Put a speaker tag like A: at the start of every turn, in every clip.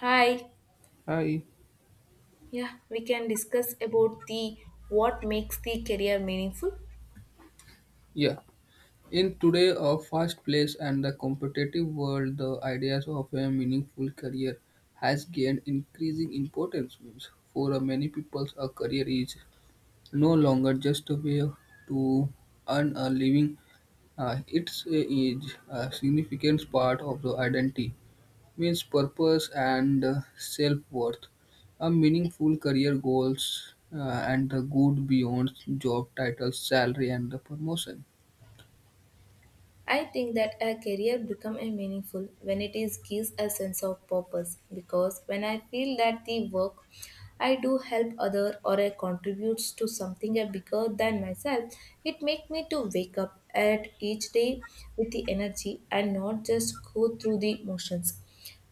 A: Hi,
B: Hi.
A: yeah, we can discuss about the what makes the career meaningful.
B: Yeah. In today a fast place and the competitive world, the ideas of a meaningful career has gained increasing importance. Means for many people, a career is no longer just a way to earn a living. It's a, is a significant part of the identity, means purpose and self-worth. A meaningful career goals and the good beyond job titles, salary, and the promotion.
A: I think that a career become a meaningful when it is gives a sense of purpose because when I feel that the work I do help other or I contributes to something a bigger than myself, it make me to wake up at each day with the energy and not just go through the motions.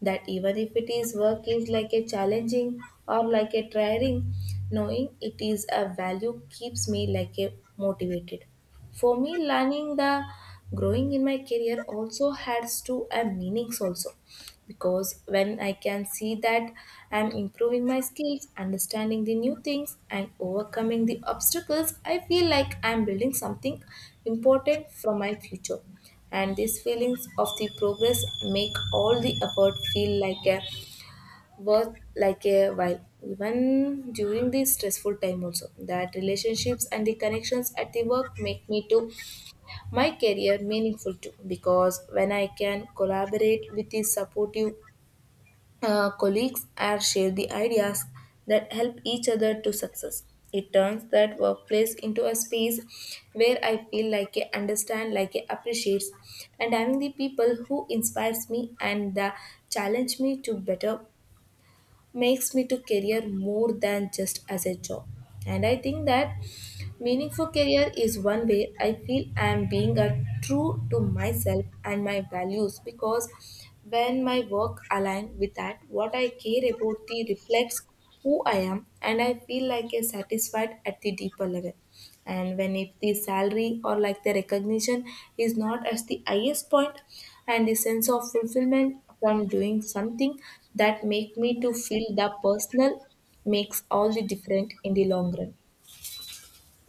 A: That even if it is work is like a challenging or like a tiring, knowing it is a value keeps me like a motivated. For me, learning the growing in my career also has to a meanings also because when I can see that I'm improving my skills, understanding the new things and overcoming the obstacles, I feel like I'm building something important for my future. And these feelings of the progress make all the effort feel like a worth like a while even during the stressful time also that relationships and the connections at the work make me to my career meaningful too because when I can collaborate with these supportive colleagues and share the ideas that help each other to success. It turns that workplace into a space where I feel like I understand, like I appreciates, and having the people who inspires me and challenge me to better makes me to career more than just as a job. And I think that meaningful career is one way I feel I am being a true to myself and my values because when my work aligns with that, what I care about the reflects who I am and I feel like a satisfied at the deeper level. And when if the salary or like the recognition is not at the highest point and the sense of fulfillment from doing something that make me to feel the personal makes all the different in the long run.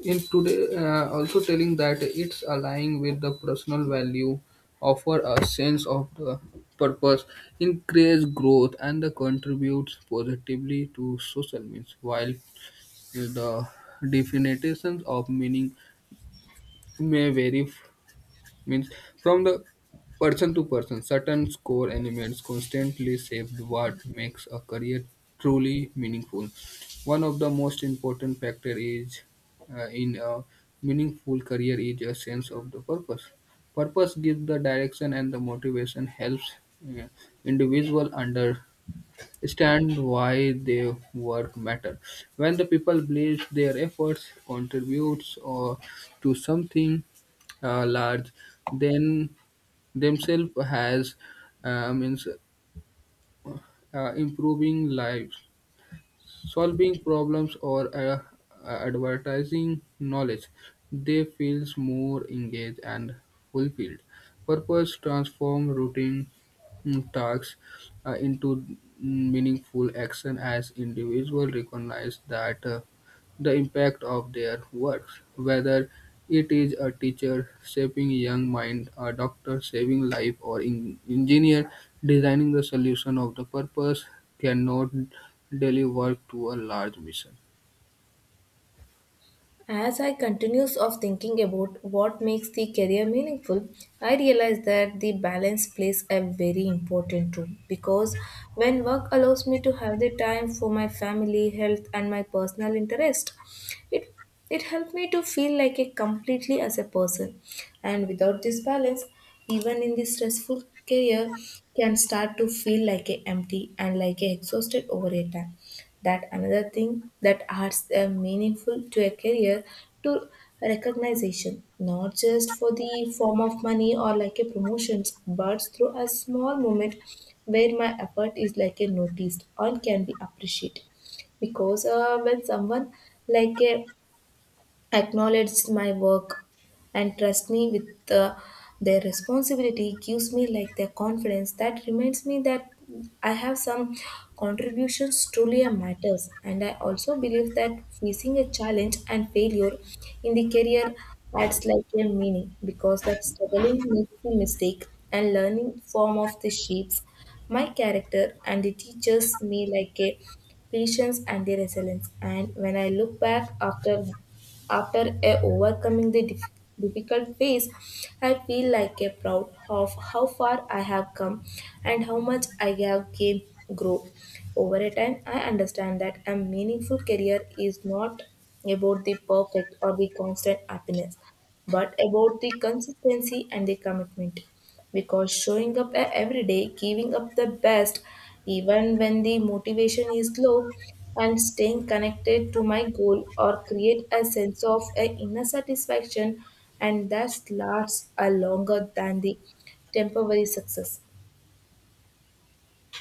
B: In today also telling that it's aligning with the personal value offer a sense of the purpose increase growth and the contributes positively to social means while the definitions of meaning may vary means from the person to person certain core elements constantly shaped what makes a career truly meaningful one of the most important factor is in a meaningful career is a sense of the purpose purpose gives the direction and the motivation helps uh, individual under stand why their work matter. When the people believe their efforts contributes or to something large, then themselves has means improving lives solving problems or advertising knowledge. They feel more engaged and fulfilled. Purpose transform routine tasks into meaningful action as individuals recognize that. The impact of their work, whether it is a teacher shaping young mind, a doctor saving life, or engineer designing the solution of the purpose cannot deliver to a large mission.
A: As I continues of thinking about what makes the career meaningful, I realize that the balance plays a very important role because when work allows me to have the time for my family, health and my personal interest, it it helped me to feel like a completely as a person. And without this balance, even in the stressful career can start to feel like a empty and like a exhausted over a time that another thing that adds a meaningful to a career to recognition not just for the form of money or like a promotions but through a small moment where my effort is like a noticed or can be appreciated because when someone like a acknowledged my work and trust me with their responsibility gives me like their confidence that reminds me that I have some contributions truly matters and I also believe that facing a challenge and failure in the career adds like a meaning because that struggling makes the mistake and learning form of the shapes my character and it teaches me like a patience and the resilience and when I look back after overcoming the difficult phase, I feel like a proud of how far I have come and how much I have gained grow. Over a time, I understand that a meaningful career is not about the perfect or the constant happiness, but about the consistency and the commitment. Because showing up every day, giving up the best, even when the motivation is low, and staying connected to my goal or create a sense of a inner satisfaction and that lasts a longer than the temporary success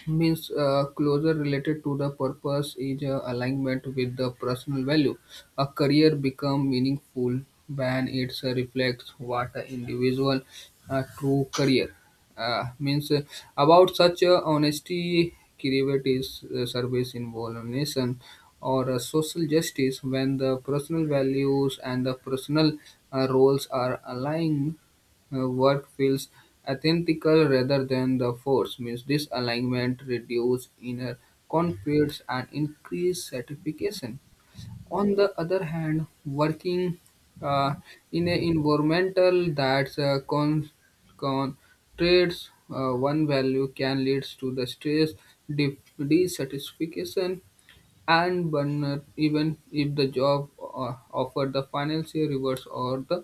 B: Means closer related to the purpose is alignment with the personal value. A career become meaningful when it reflects what an individual true career means. About such honesty, creativity service involvement or social justice when the personal values and the personal roles are aligned what feels antithetical rather than the force means this alignment reduces inner conflicts, and increase satisfaction. On the other hand, working uh, in an environmental that concentrates one value can lead to the stress, dissatisfaction, and burnout, even if the job offer the financial rewards or the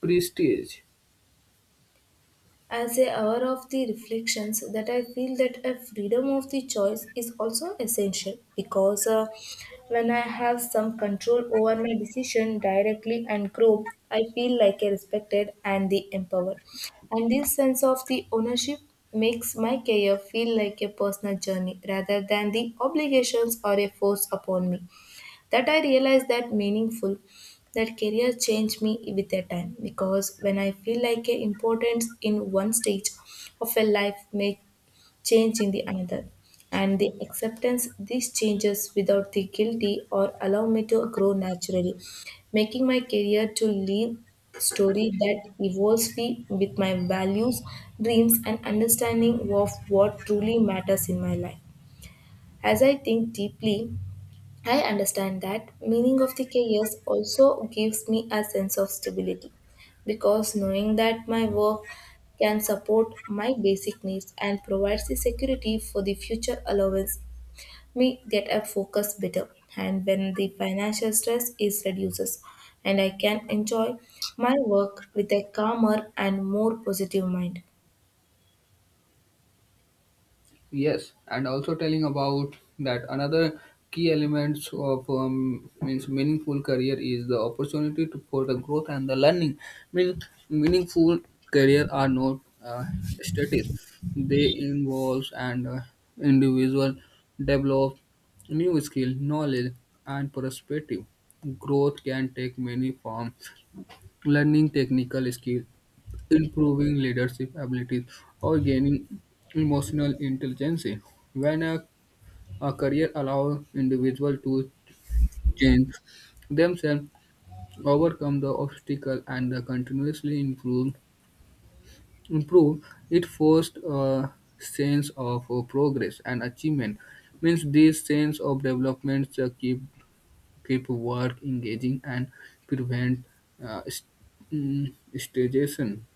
B: prestige.
A: as a hour of the reflections that I feel that a freedom of the choice is also essential because when I have some control over my decision directly and grow I feel like a respected and the empowered and this sense of the ownership makes my career feel like a personal journey rather than the obligations or a force upon me that I realized that meaningful that career changed me with the time because when I feel like a importance in one stage of a life may change in the another and the acceptance these changes without the guilty or allow me to grow naturally making my career to live story that evolves me with my values dreams and understanding of what truly matters in my life as I think deeply, I understand that meaning of the careers also gives me a sense of stability because knowing that my work can support my basic needs and provides the security for the future allowance me get a focus better and when the financial stress is reduces and I can enjoy my work with a calmer and more positive mind.
B: Yes, and also telling about that another key elements of means meaningful career is the opportunity to, for the growth and the learning. Mean meaningful career are not static; they involves and individual develop new skill, knowledge, and perspective. Growth can take many forms: learning technical skill, improving leadership abilities, or gaining emotional intelligence. When a career allows individual to change themselves, overcome the obstacle, and continuously improve, improve, it forced a sense of progress and achievement. Means this sense of development keep work engaging and prevent uh, st- stagnation.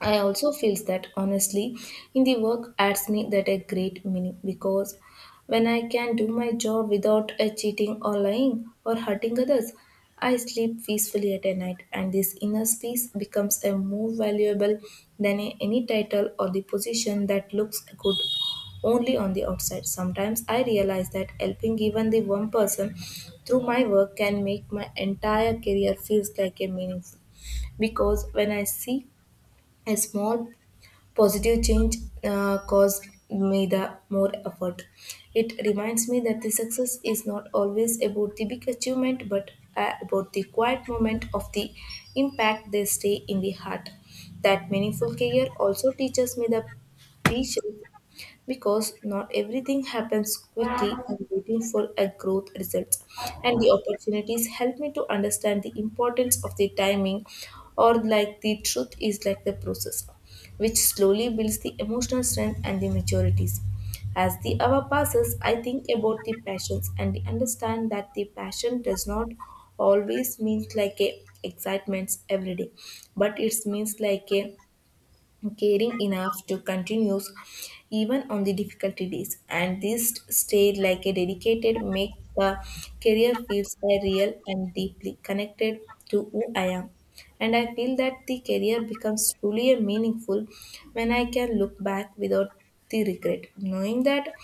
A: I also feels that honestly in the work adds me that a great meaning because when I can do my job without cheating or lying or hurting others, I sleep peacefully at a night and this inner peace becomes a more valuable than any title or the position that looks good only on the outside. Sometimes I realize that helping even the one person through my work can make my entire career feels like a meaningful because when I see a small positive change caused me the more effort. It reminds me that the success is not always about the big achievement, but about the quiet moment of the impact they stay in the heart. That meaningful career also teaches me the patience because not everything happens quickly and waiting for a growth results and the opportunities help me to understand the importance of the timing or like the truth is like the process which slowly builds the emotional strength and the maturities as the hour passes, I think about the passions and understand that the passion does not always mean like a excitement every day, but it means like a caring enough to continue even on the difficult days and this stayed like a dedicated make the career feels a real and deeply connected to who I am and I feel that the career becomes truly a meaningful when I can look back without the regret knowing that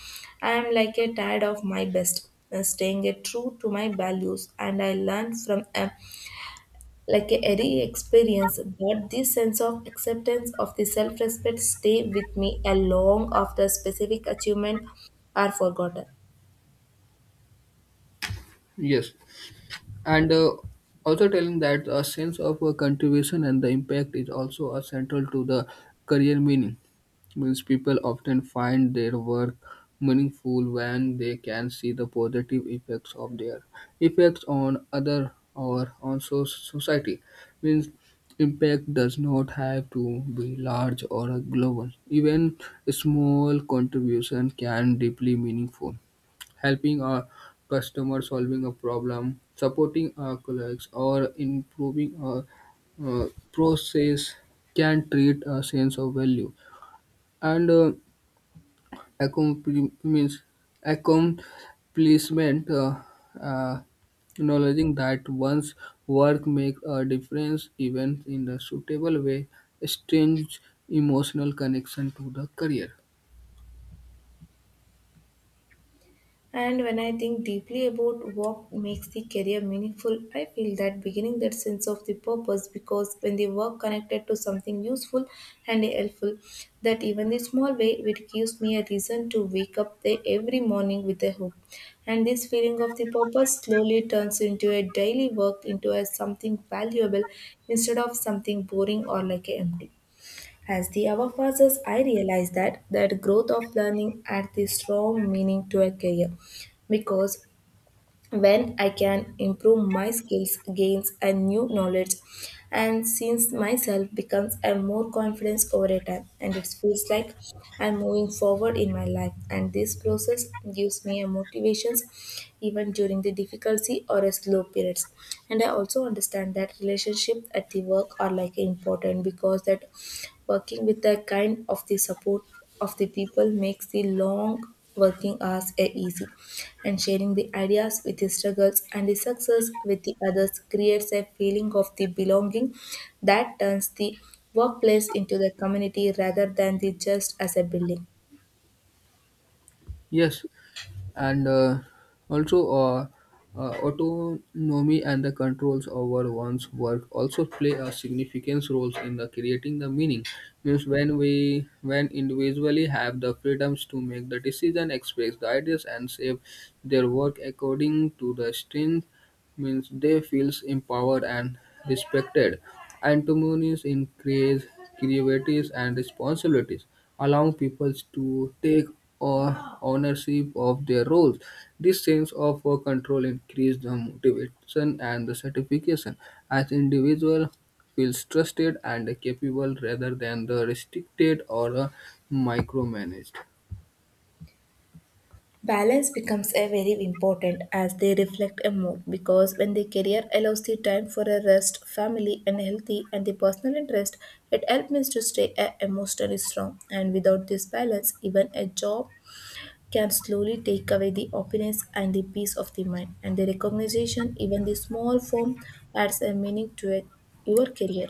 A: I am like a tired of my best staying a true to my values and I learn from like a every experience but this sense of acceptance of the self-respect stay with me a long after specific achievement are forgotten.
B: Yes. And also telling that a sense of contribution and the impact is also a central to the career meaning means people often find their work meaningful when they can see the positive effects of their effects on other or on society means impact does not have to be large or global even a small contribution can deeply meaningful helping a customer solving a problem, supporting our colleagues, or improving a process can treat a sense of value. And means accomplishment, uh, acknowledging that one's work makes a difference even in a suitable way, strengthens emotional connection to the career.
A: And when I think deeply about what makes the career meaningful, I feel that beginning that sense of the purpose because when the work connected to something useful and helpful, that even the small way it gives me a reason to wake up there every morning with a hope. And this feeling of the purpose slowly turns into a daily work into a something valuable instead of something boring or like a empty. As the hour passes, I realize that that growth of learning adds the strong meaning to a career because when I can improve my skills, gains and new knowledge, and since myself becomes a more confidence over a time, and it feels like I'm moving forward in my life, and this process gives me a motivations even during the difficulty or a slow periods. And I also understand that relationship at the work are like important because that working with the kind of the support of the people makes the long working hours a easy and sharing the ideas with the struggles and the success with the others creates a feeling of the belonging that turns the workplace into the community rather than the just as a building
B: Yes. and also autonomy and the controls over one's work also play a significant roles in the creating the meaning means when individually have the freedoms to make the decision express the ideas and shape their work according to the strength means they feels empowered and respected. Entrepreneurs increase creativity and responsibilities, allowing people to take ownership of their roles. This sense of control increases the motivation and the satisfaction as individual feels trusted and capable rather than the restricted or micromanaged.
A: balance becomes a very important as they reflect a mood because when the career allows the time for a rest family and healthy and the personal interest it helps me to stay emotionally strong and without this balance even a job can slowly take away the openness and the peace of the mind and the recognition even the small form adds a meaning to it, your career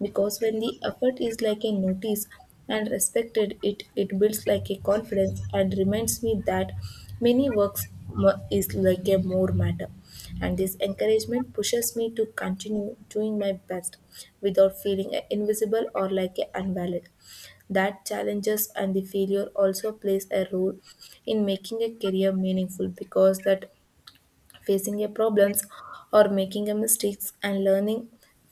A: because when the effort is like a notice and respected it builds like a confidence and reminds me that many works is like a more matter and this encouragement pushes me to continue doing my best without feeling invisible or like a invalid that challenges and the failure also plays a role in making a career meaningful because that facing a problems or making a mistakes and learning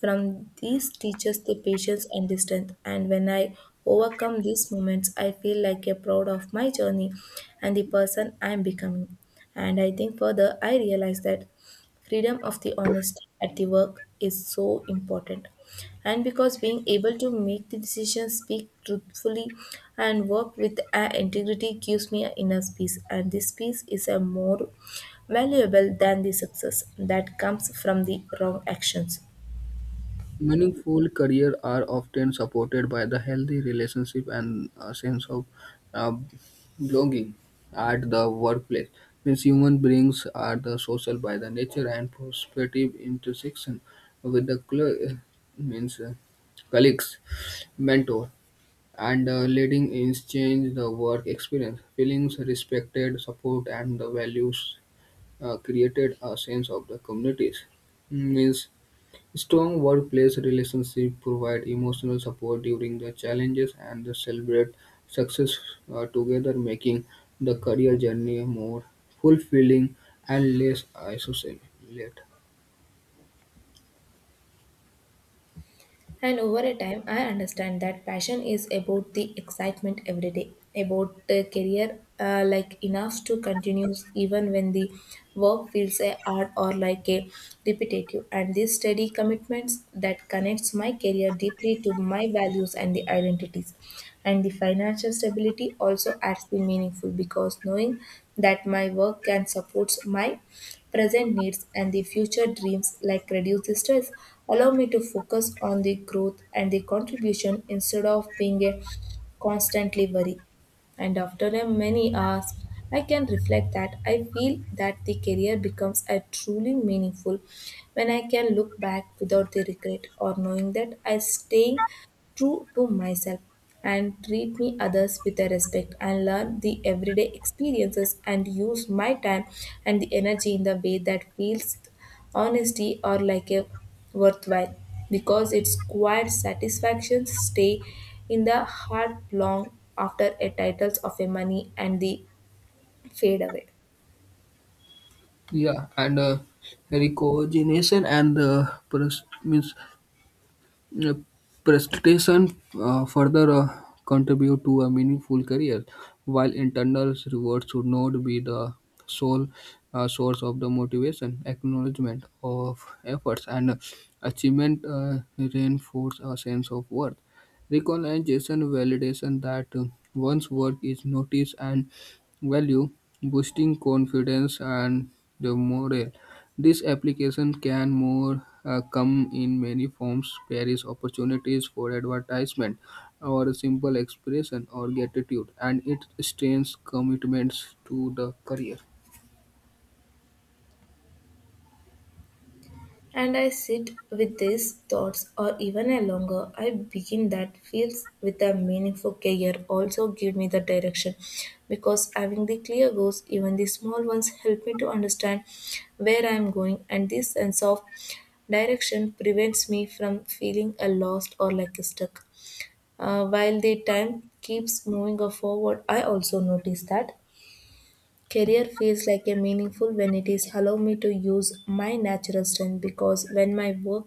A: from these teaches the patience and the strength. And when I overcome these moments, I feel like a proud of my journey and the person I'm becoming. And I think further, I realize that freedom of the honesty at the work is so important and because being able to make the decisions speak truthfully and work with integrity gives me an inner peace, and this peace is a more valuable than the success that comes from the wrong actions.
B: Meaningful careers are often supported by the healthy relationship and a sense of uh, belonging at the workplace. Means human beings are the social by the nature and prospective intersection with the means colleagues, mentor, and leading exchange the work experience, feelings respected, support, and the values created a sense of the communities. Means strong workplace relationships provide emotional support during the challenges and they celebrate success together, making the career journey more fulfilling and less isolated.
A: And over a time, I understand that passion is about the excitement every day, about the career, like enough to continue even when the work feels a hard or like a repetitive. And this steady commitments that connects my career deeply to my values and the identities. And the financial stability also adds the meaningful because knowing that my work can support my present needs and the future dreams like reduce the stress, allow me to focus on the growth and the contribution instead of being a constantly worry. And after a many hours, I can reflect that I feel that the career becomes a truly meaningful when I can look back without the regret or knowing that I staying true to myself and treat me others with the respect and learn the everyday experiences and use my time and the energy in the way that feels honesty or like a worthwhile, because its quiet satisfactions stay in the heart long after a titles of a money and the fade away.
B: Yeah, and recognition and the means Uh, prestation further contribute to a meaningful career, while internal rewards should not be the sole source of the motivation. Acknowledgement of efforts and achievement reinforce a sense of worth. Recognition validation that one's work is noticed and valued, boosting confidence and the morale. This application can more come in many forms, there is opportunities for advertisement or a simple expression or gratitude and it strains commitments to the career.
A: And I sit with these thoughts, or even a longer, I begin that feels with a meaningful career also give me the direction because having the clear goals, even the small ones, help me to understand where I am going, and this sense of direction prevents me from feeling a lost or like stuck. While the time keeps moving forward, I also notice that career feels like a meaningful when it is allow me to use my natural strength because when my work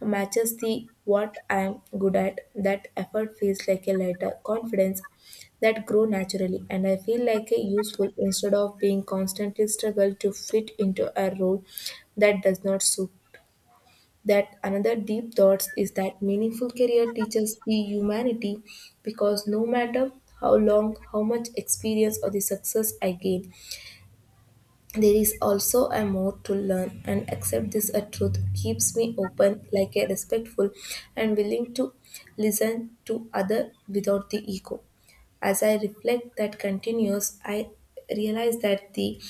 A: matches the what I'm good at. That effort feels like a lighter confidence that grow naturally and I feel like a useful instead of being constantly struggle to fit into a role that does not suit. That another deep thoughts is that meaningful career teaches the humanity because no matter how long, how much experience or the success I gain, there is also a more to learn, and accept this a truth keeps me open like a respectful and willing to listen to other without the ego. As I reflect that continues, I realize that the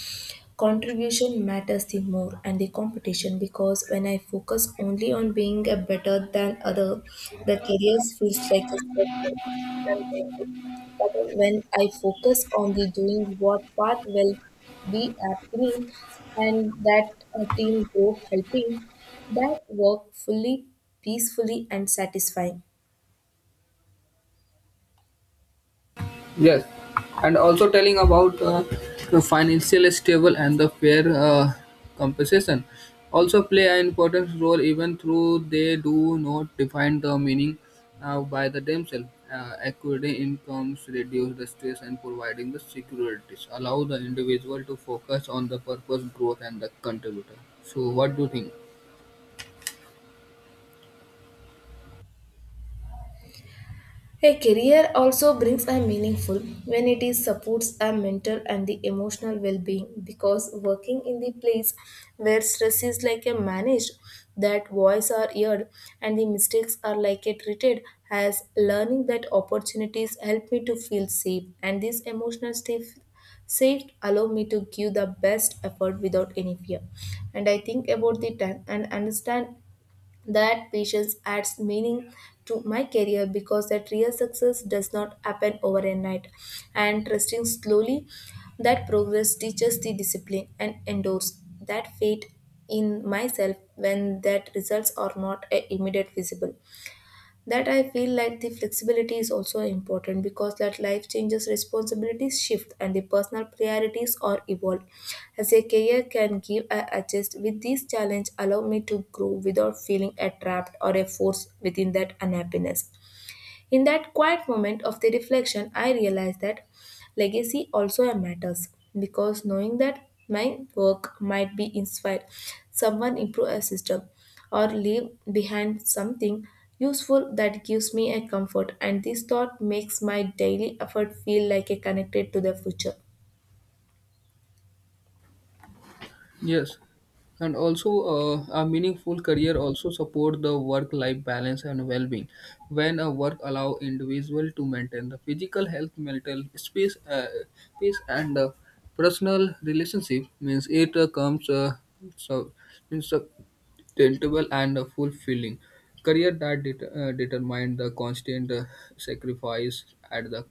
A: contribution matters the more and the competition because when I focus only on being a better than other, the career feels like a step back and lonely. But when I focus on the doing what part will be happening and that a team go helping, that work fully, peacefully and satisfying.
B: Yes, and also telling about the financial stable and the fair compensation also play an important role even though they do not define the meaning by the themselves. Accurate incomes reduce the stress and providing the securities allow the individual to focus on the purpose, growth, and the contributor. So, what do you think?
A: A career also brings a meaningful when it is supports a mental and the emotional well-being because working in the place where stress is like a managed, that voice are heard and the mistakes are like a treated as learning that opportunities help me to feel safe, and this emotional safe allow me to give the best effort without any fear. And I think about the time and understand that patience adds meaning to my career because that real success does not happen overnight. And trusting slowly that progress teaches the discipline and endorse that faith in myself when that results are not immediate visible. That I feel like the flexibility is also important because that life changes, responsibilities shift and the personal priorities are evolved as a career can give, I adjust with these challenge allow me to grow without feeling a trapped or a force within that unhappiness. In that quiet moment of the reflection, I realized that legacy also matters because knowing that my work might be inspired someone, improve a system, or leave behind something useful, that gives me a comfort, and this thought makes my daily effort feel like a connected to the future.
B: Yes, and also a meaningful career also support the work-life balance and well-being. When a work allow individual to maintain the physical health, mental space, peace, and personal relationship means it comes so means sustainable and fulfilling. Career that determine the constant sacrifice at the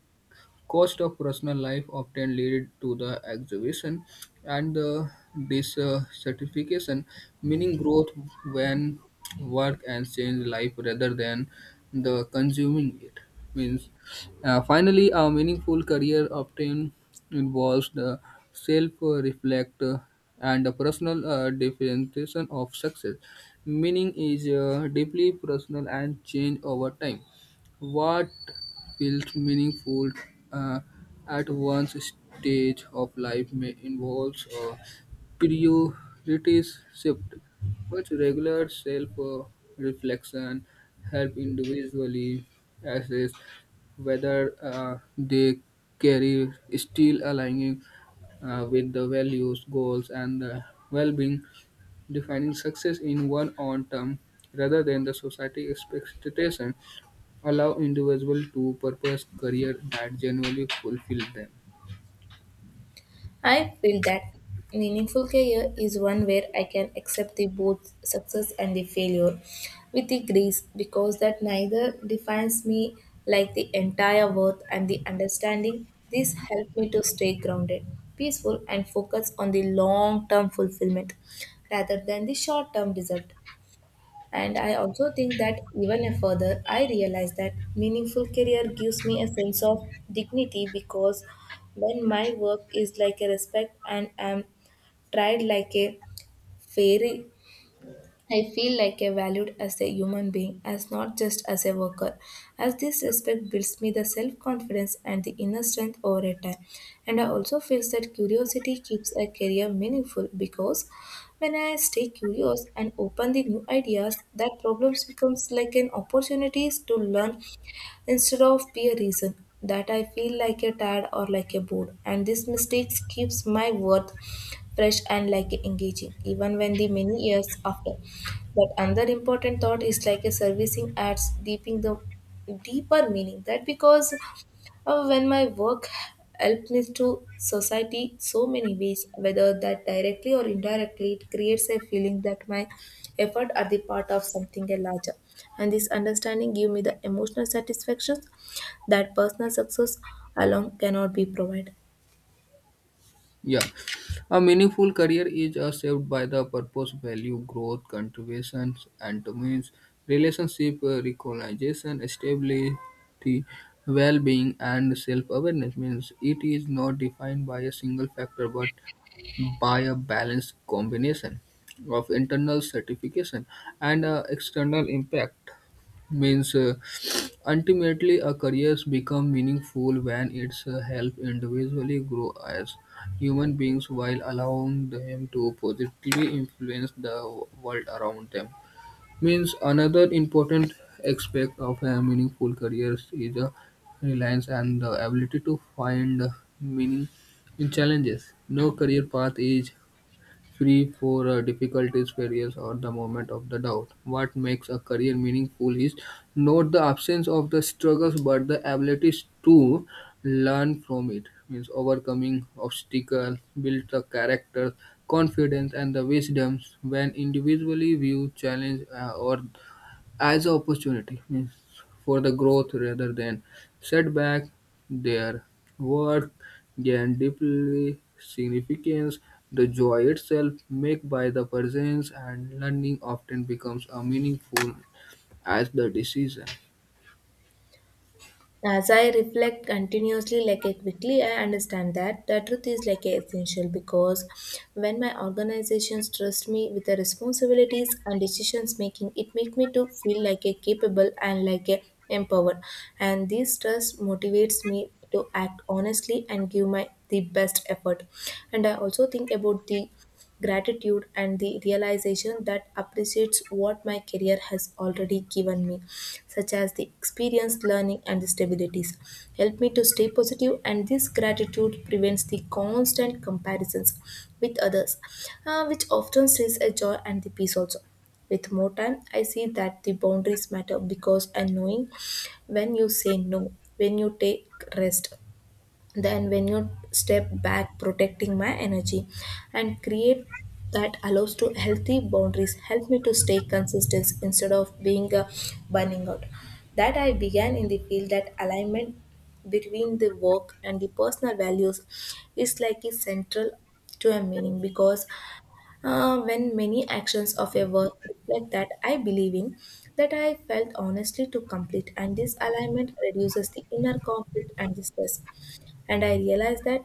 B: cost of personal life often lead to the exhibition and the dissatisfaction, meaning growth when work and change life rather than the consuming it. Means finally, a meaningful career often involves the self-reflect and the personal definition of success. Meaning is deeply personal and change over time. What feels meaningful uh, at one's stage of life may involve a priorities shift, but regular self-reflection help individually assess whether they carry still aligning with the values, goals, and the well-being defining success in one own term rather than the society expectation allow individuals to purpose career that genuinely fulfill them.
A: I feel that meaningful career is one where I can accept the both success and the failure with the grace because that neither defines me like the entire worth and the understanding. This helped me to stay grounded, peaceful, and focus on the long term fulfillment rather than the short term result. And I also think that even further, I realize that meaningful career gives me a sense of dignity because when my work is like a respect and am tried like a fair, I feel like I valued as a human being, as not just as a worker. As this respect builds me the self confidence and the inner strength over a time. And I also feel that curiosity keeps a career meaningful because when I stay curious and open the new ideas, that problems becomes like an opportunities to learn instead of be a reason that I feel like a tired or like a bored. And this mistakes keeps my worth fresh and like engaging even when the many years after. But another important thought is like a servicing adds deeping the deeper meaning that because when my work helped me to society so many ways, whether that directly or indirectly, it creates a feeling that my effort are the part of something larger, and this understanding give me the emotional satisfaction that personal success alone cannot be provided.
B: Yeah, a meaningful career is shaped by the purpose, value, growth, contributions, and means relationship recognition, stability, well-being, and self-awareness. Means it is not defined by a single factor, but by a balanced combination of internal certification and external impact. Means ultimately, a career become meaningful when it's help individually grow as human beings while allowing them to positively influence the world around them. Means another important aspect of a meaningful careers is a reliance and the ability to find meaning in challenges. No career path is free for difficulties, failures, or the moment of the doubt. What makes a career meaningful is not the absence of the struggles, but the abilities to learn from it. Means overcoming obstacles, build the character, confidence, and the wisdoms. When individually view challenge or as an opportunity means for the growth rather than setback. Their work gain deeply significance. The joy itself made by the presence and learning often becomes a meaningful as the decision.
A: As I reflect continuously like a quickly, I understand that the truth is like a essential because when my organizations trust me with the responsibilities and decisions making, it make me to feel like a capable and like a empowered. And this trust motivates me to act honestly and give my the best effort. And I also think about the gratitude and the realization that appreciates what my career has already given me such as the experience learning and the stabilities help me to stay positive. And this gratitude prevents the constant comparisons with others, which often says a joy and the peace also. With more time I see that the boundaries matter because and knowing when you say no, when you take rest, then when you step back protecting my energy and create that allows to healthy boundaries help me to stay consistent instead of being a burning out. That I began in the field that alignment between the work and the personal values is like a central to a meaning because when many actions of a work reflect that I believe in, that I felt honestly to complete, and this alignment reduces the inner conflict and the stress. And I realized that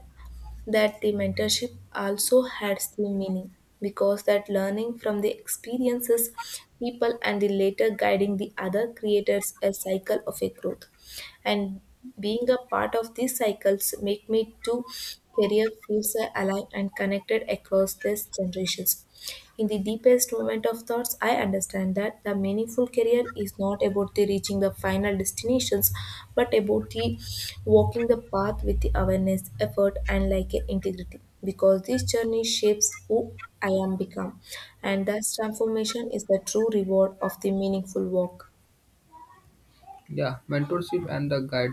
A: that the mentorship also had still meaning because that learning from the experiences people and the later guiding the other creates a cycle of a growth, and being a part of these cycles make me to career feels alive and connected across these generations. In the deepest moment of thoughts, I understand that the meaningful career is not about the reaching the final destinations, but about the walking the path with the awareness, effort, and like a integrity. Because this journey shapes who I am become, and thus transformation is the true reward of the meaningful work.
B: Yeah, mentorship and the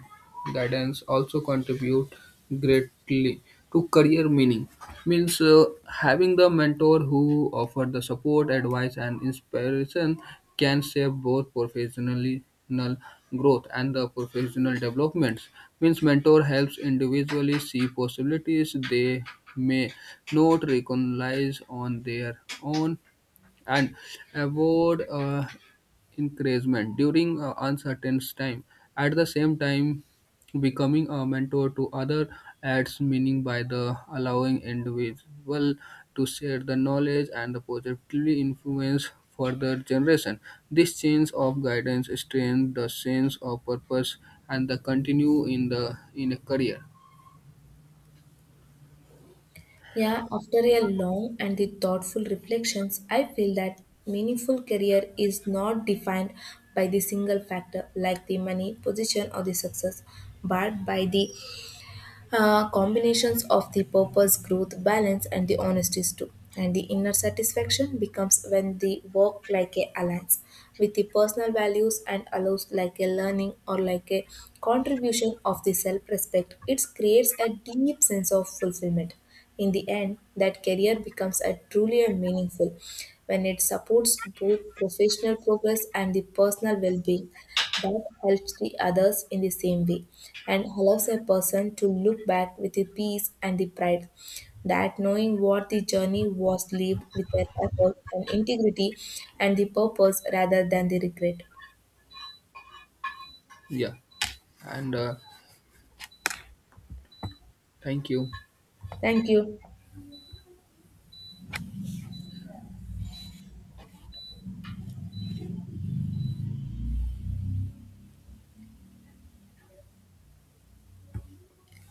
B: guidance also contribute greatly to career meaning. Means having the mentor who offer the support, advice, and inspiration can shape both professionally growth and the professional developments means mentor helps individually see possibilities they may not recognize on their own and avoid encouragement during uncertain time. At the same time, becoming a mentor to other adds meaning by the allowing individual to share the knowledge and the positively influence further generation. This change of guidance strengthens the sense of purpose and the continue in the in a career.
A: Yeah, after a long and the thoughtful reflections, I feel that meaningful career is not defined by the single factor like the money, position, or the success, but by the combinations of the purpose, growth, balance, and the honesties too. And the inner satisfaction becomes when the work like a alliance with the personal values and allows like a learning or like a contribution of the self-respect. It creates a deep sense of fulfillment. In the end, that career becomes a truly a meaningful when it supports both professional progress and the personal well-being, that helps the others in the same way and allows a person to look back with the peace and the pride, that knowing what the journey was lived with their effort and integrity and the purpose rather than the regret.
B: Yeah, and thank you.
A: Thank you.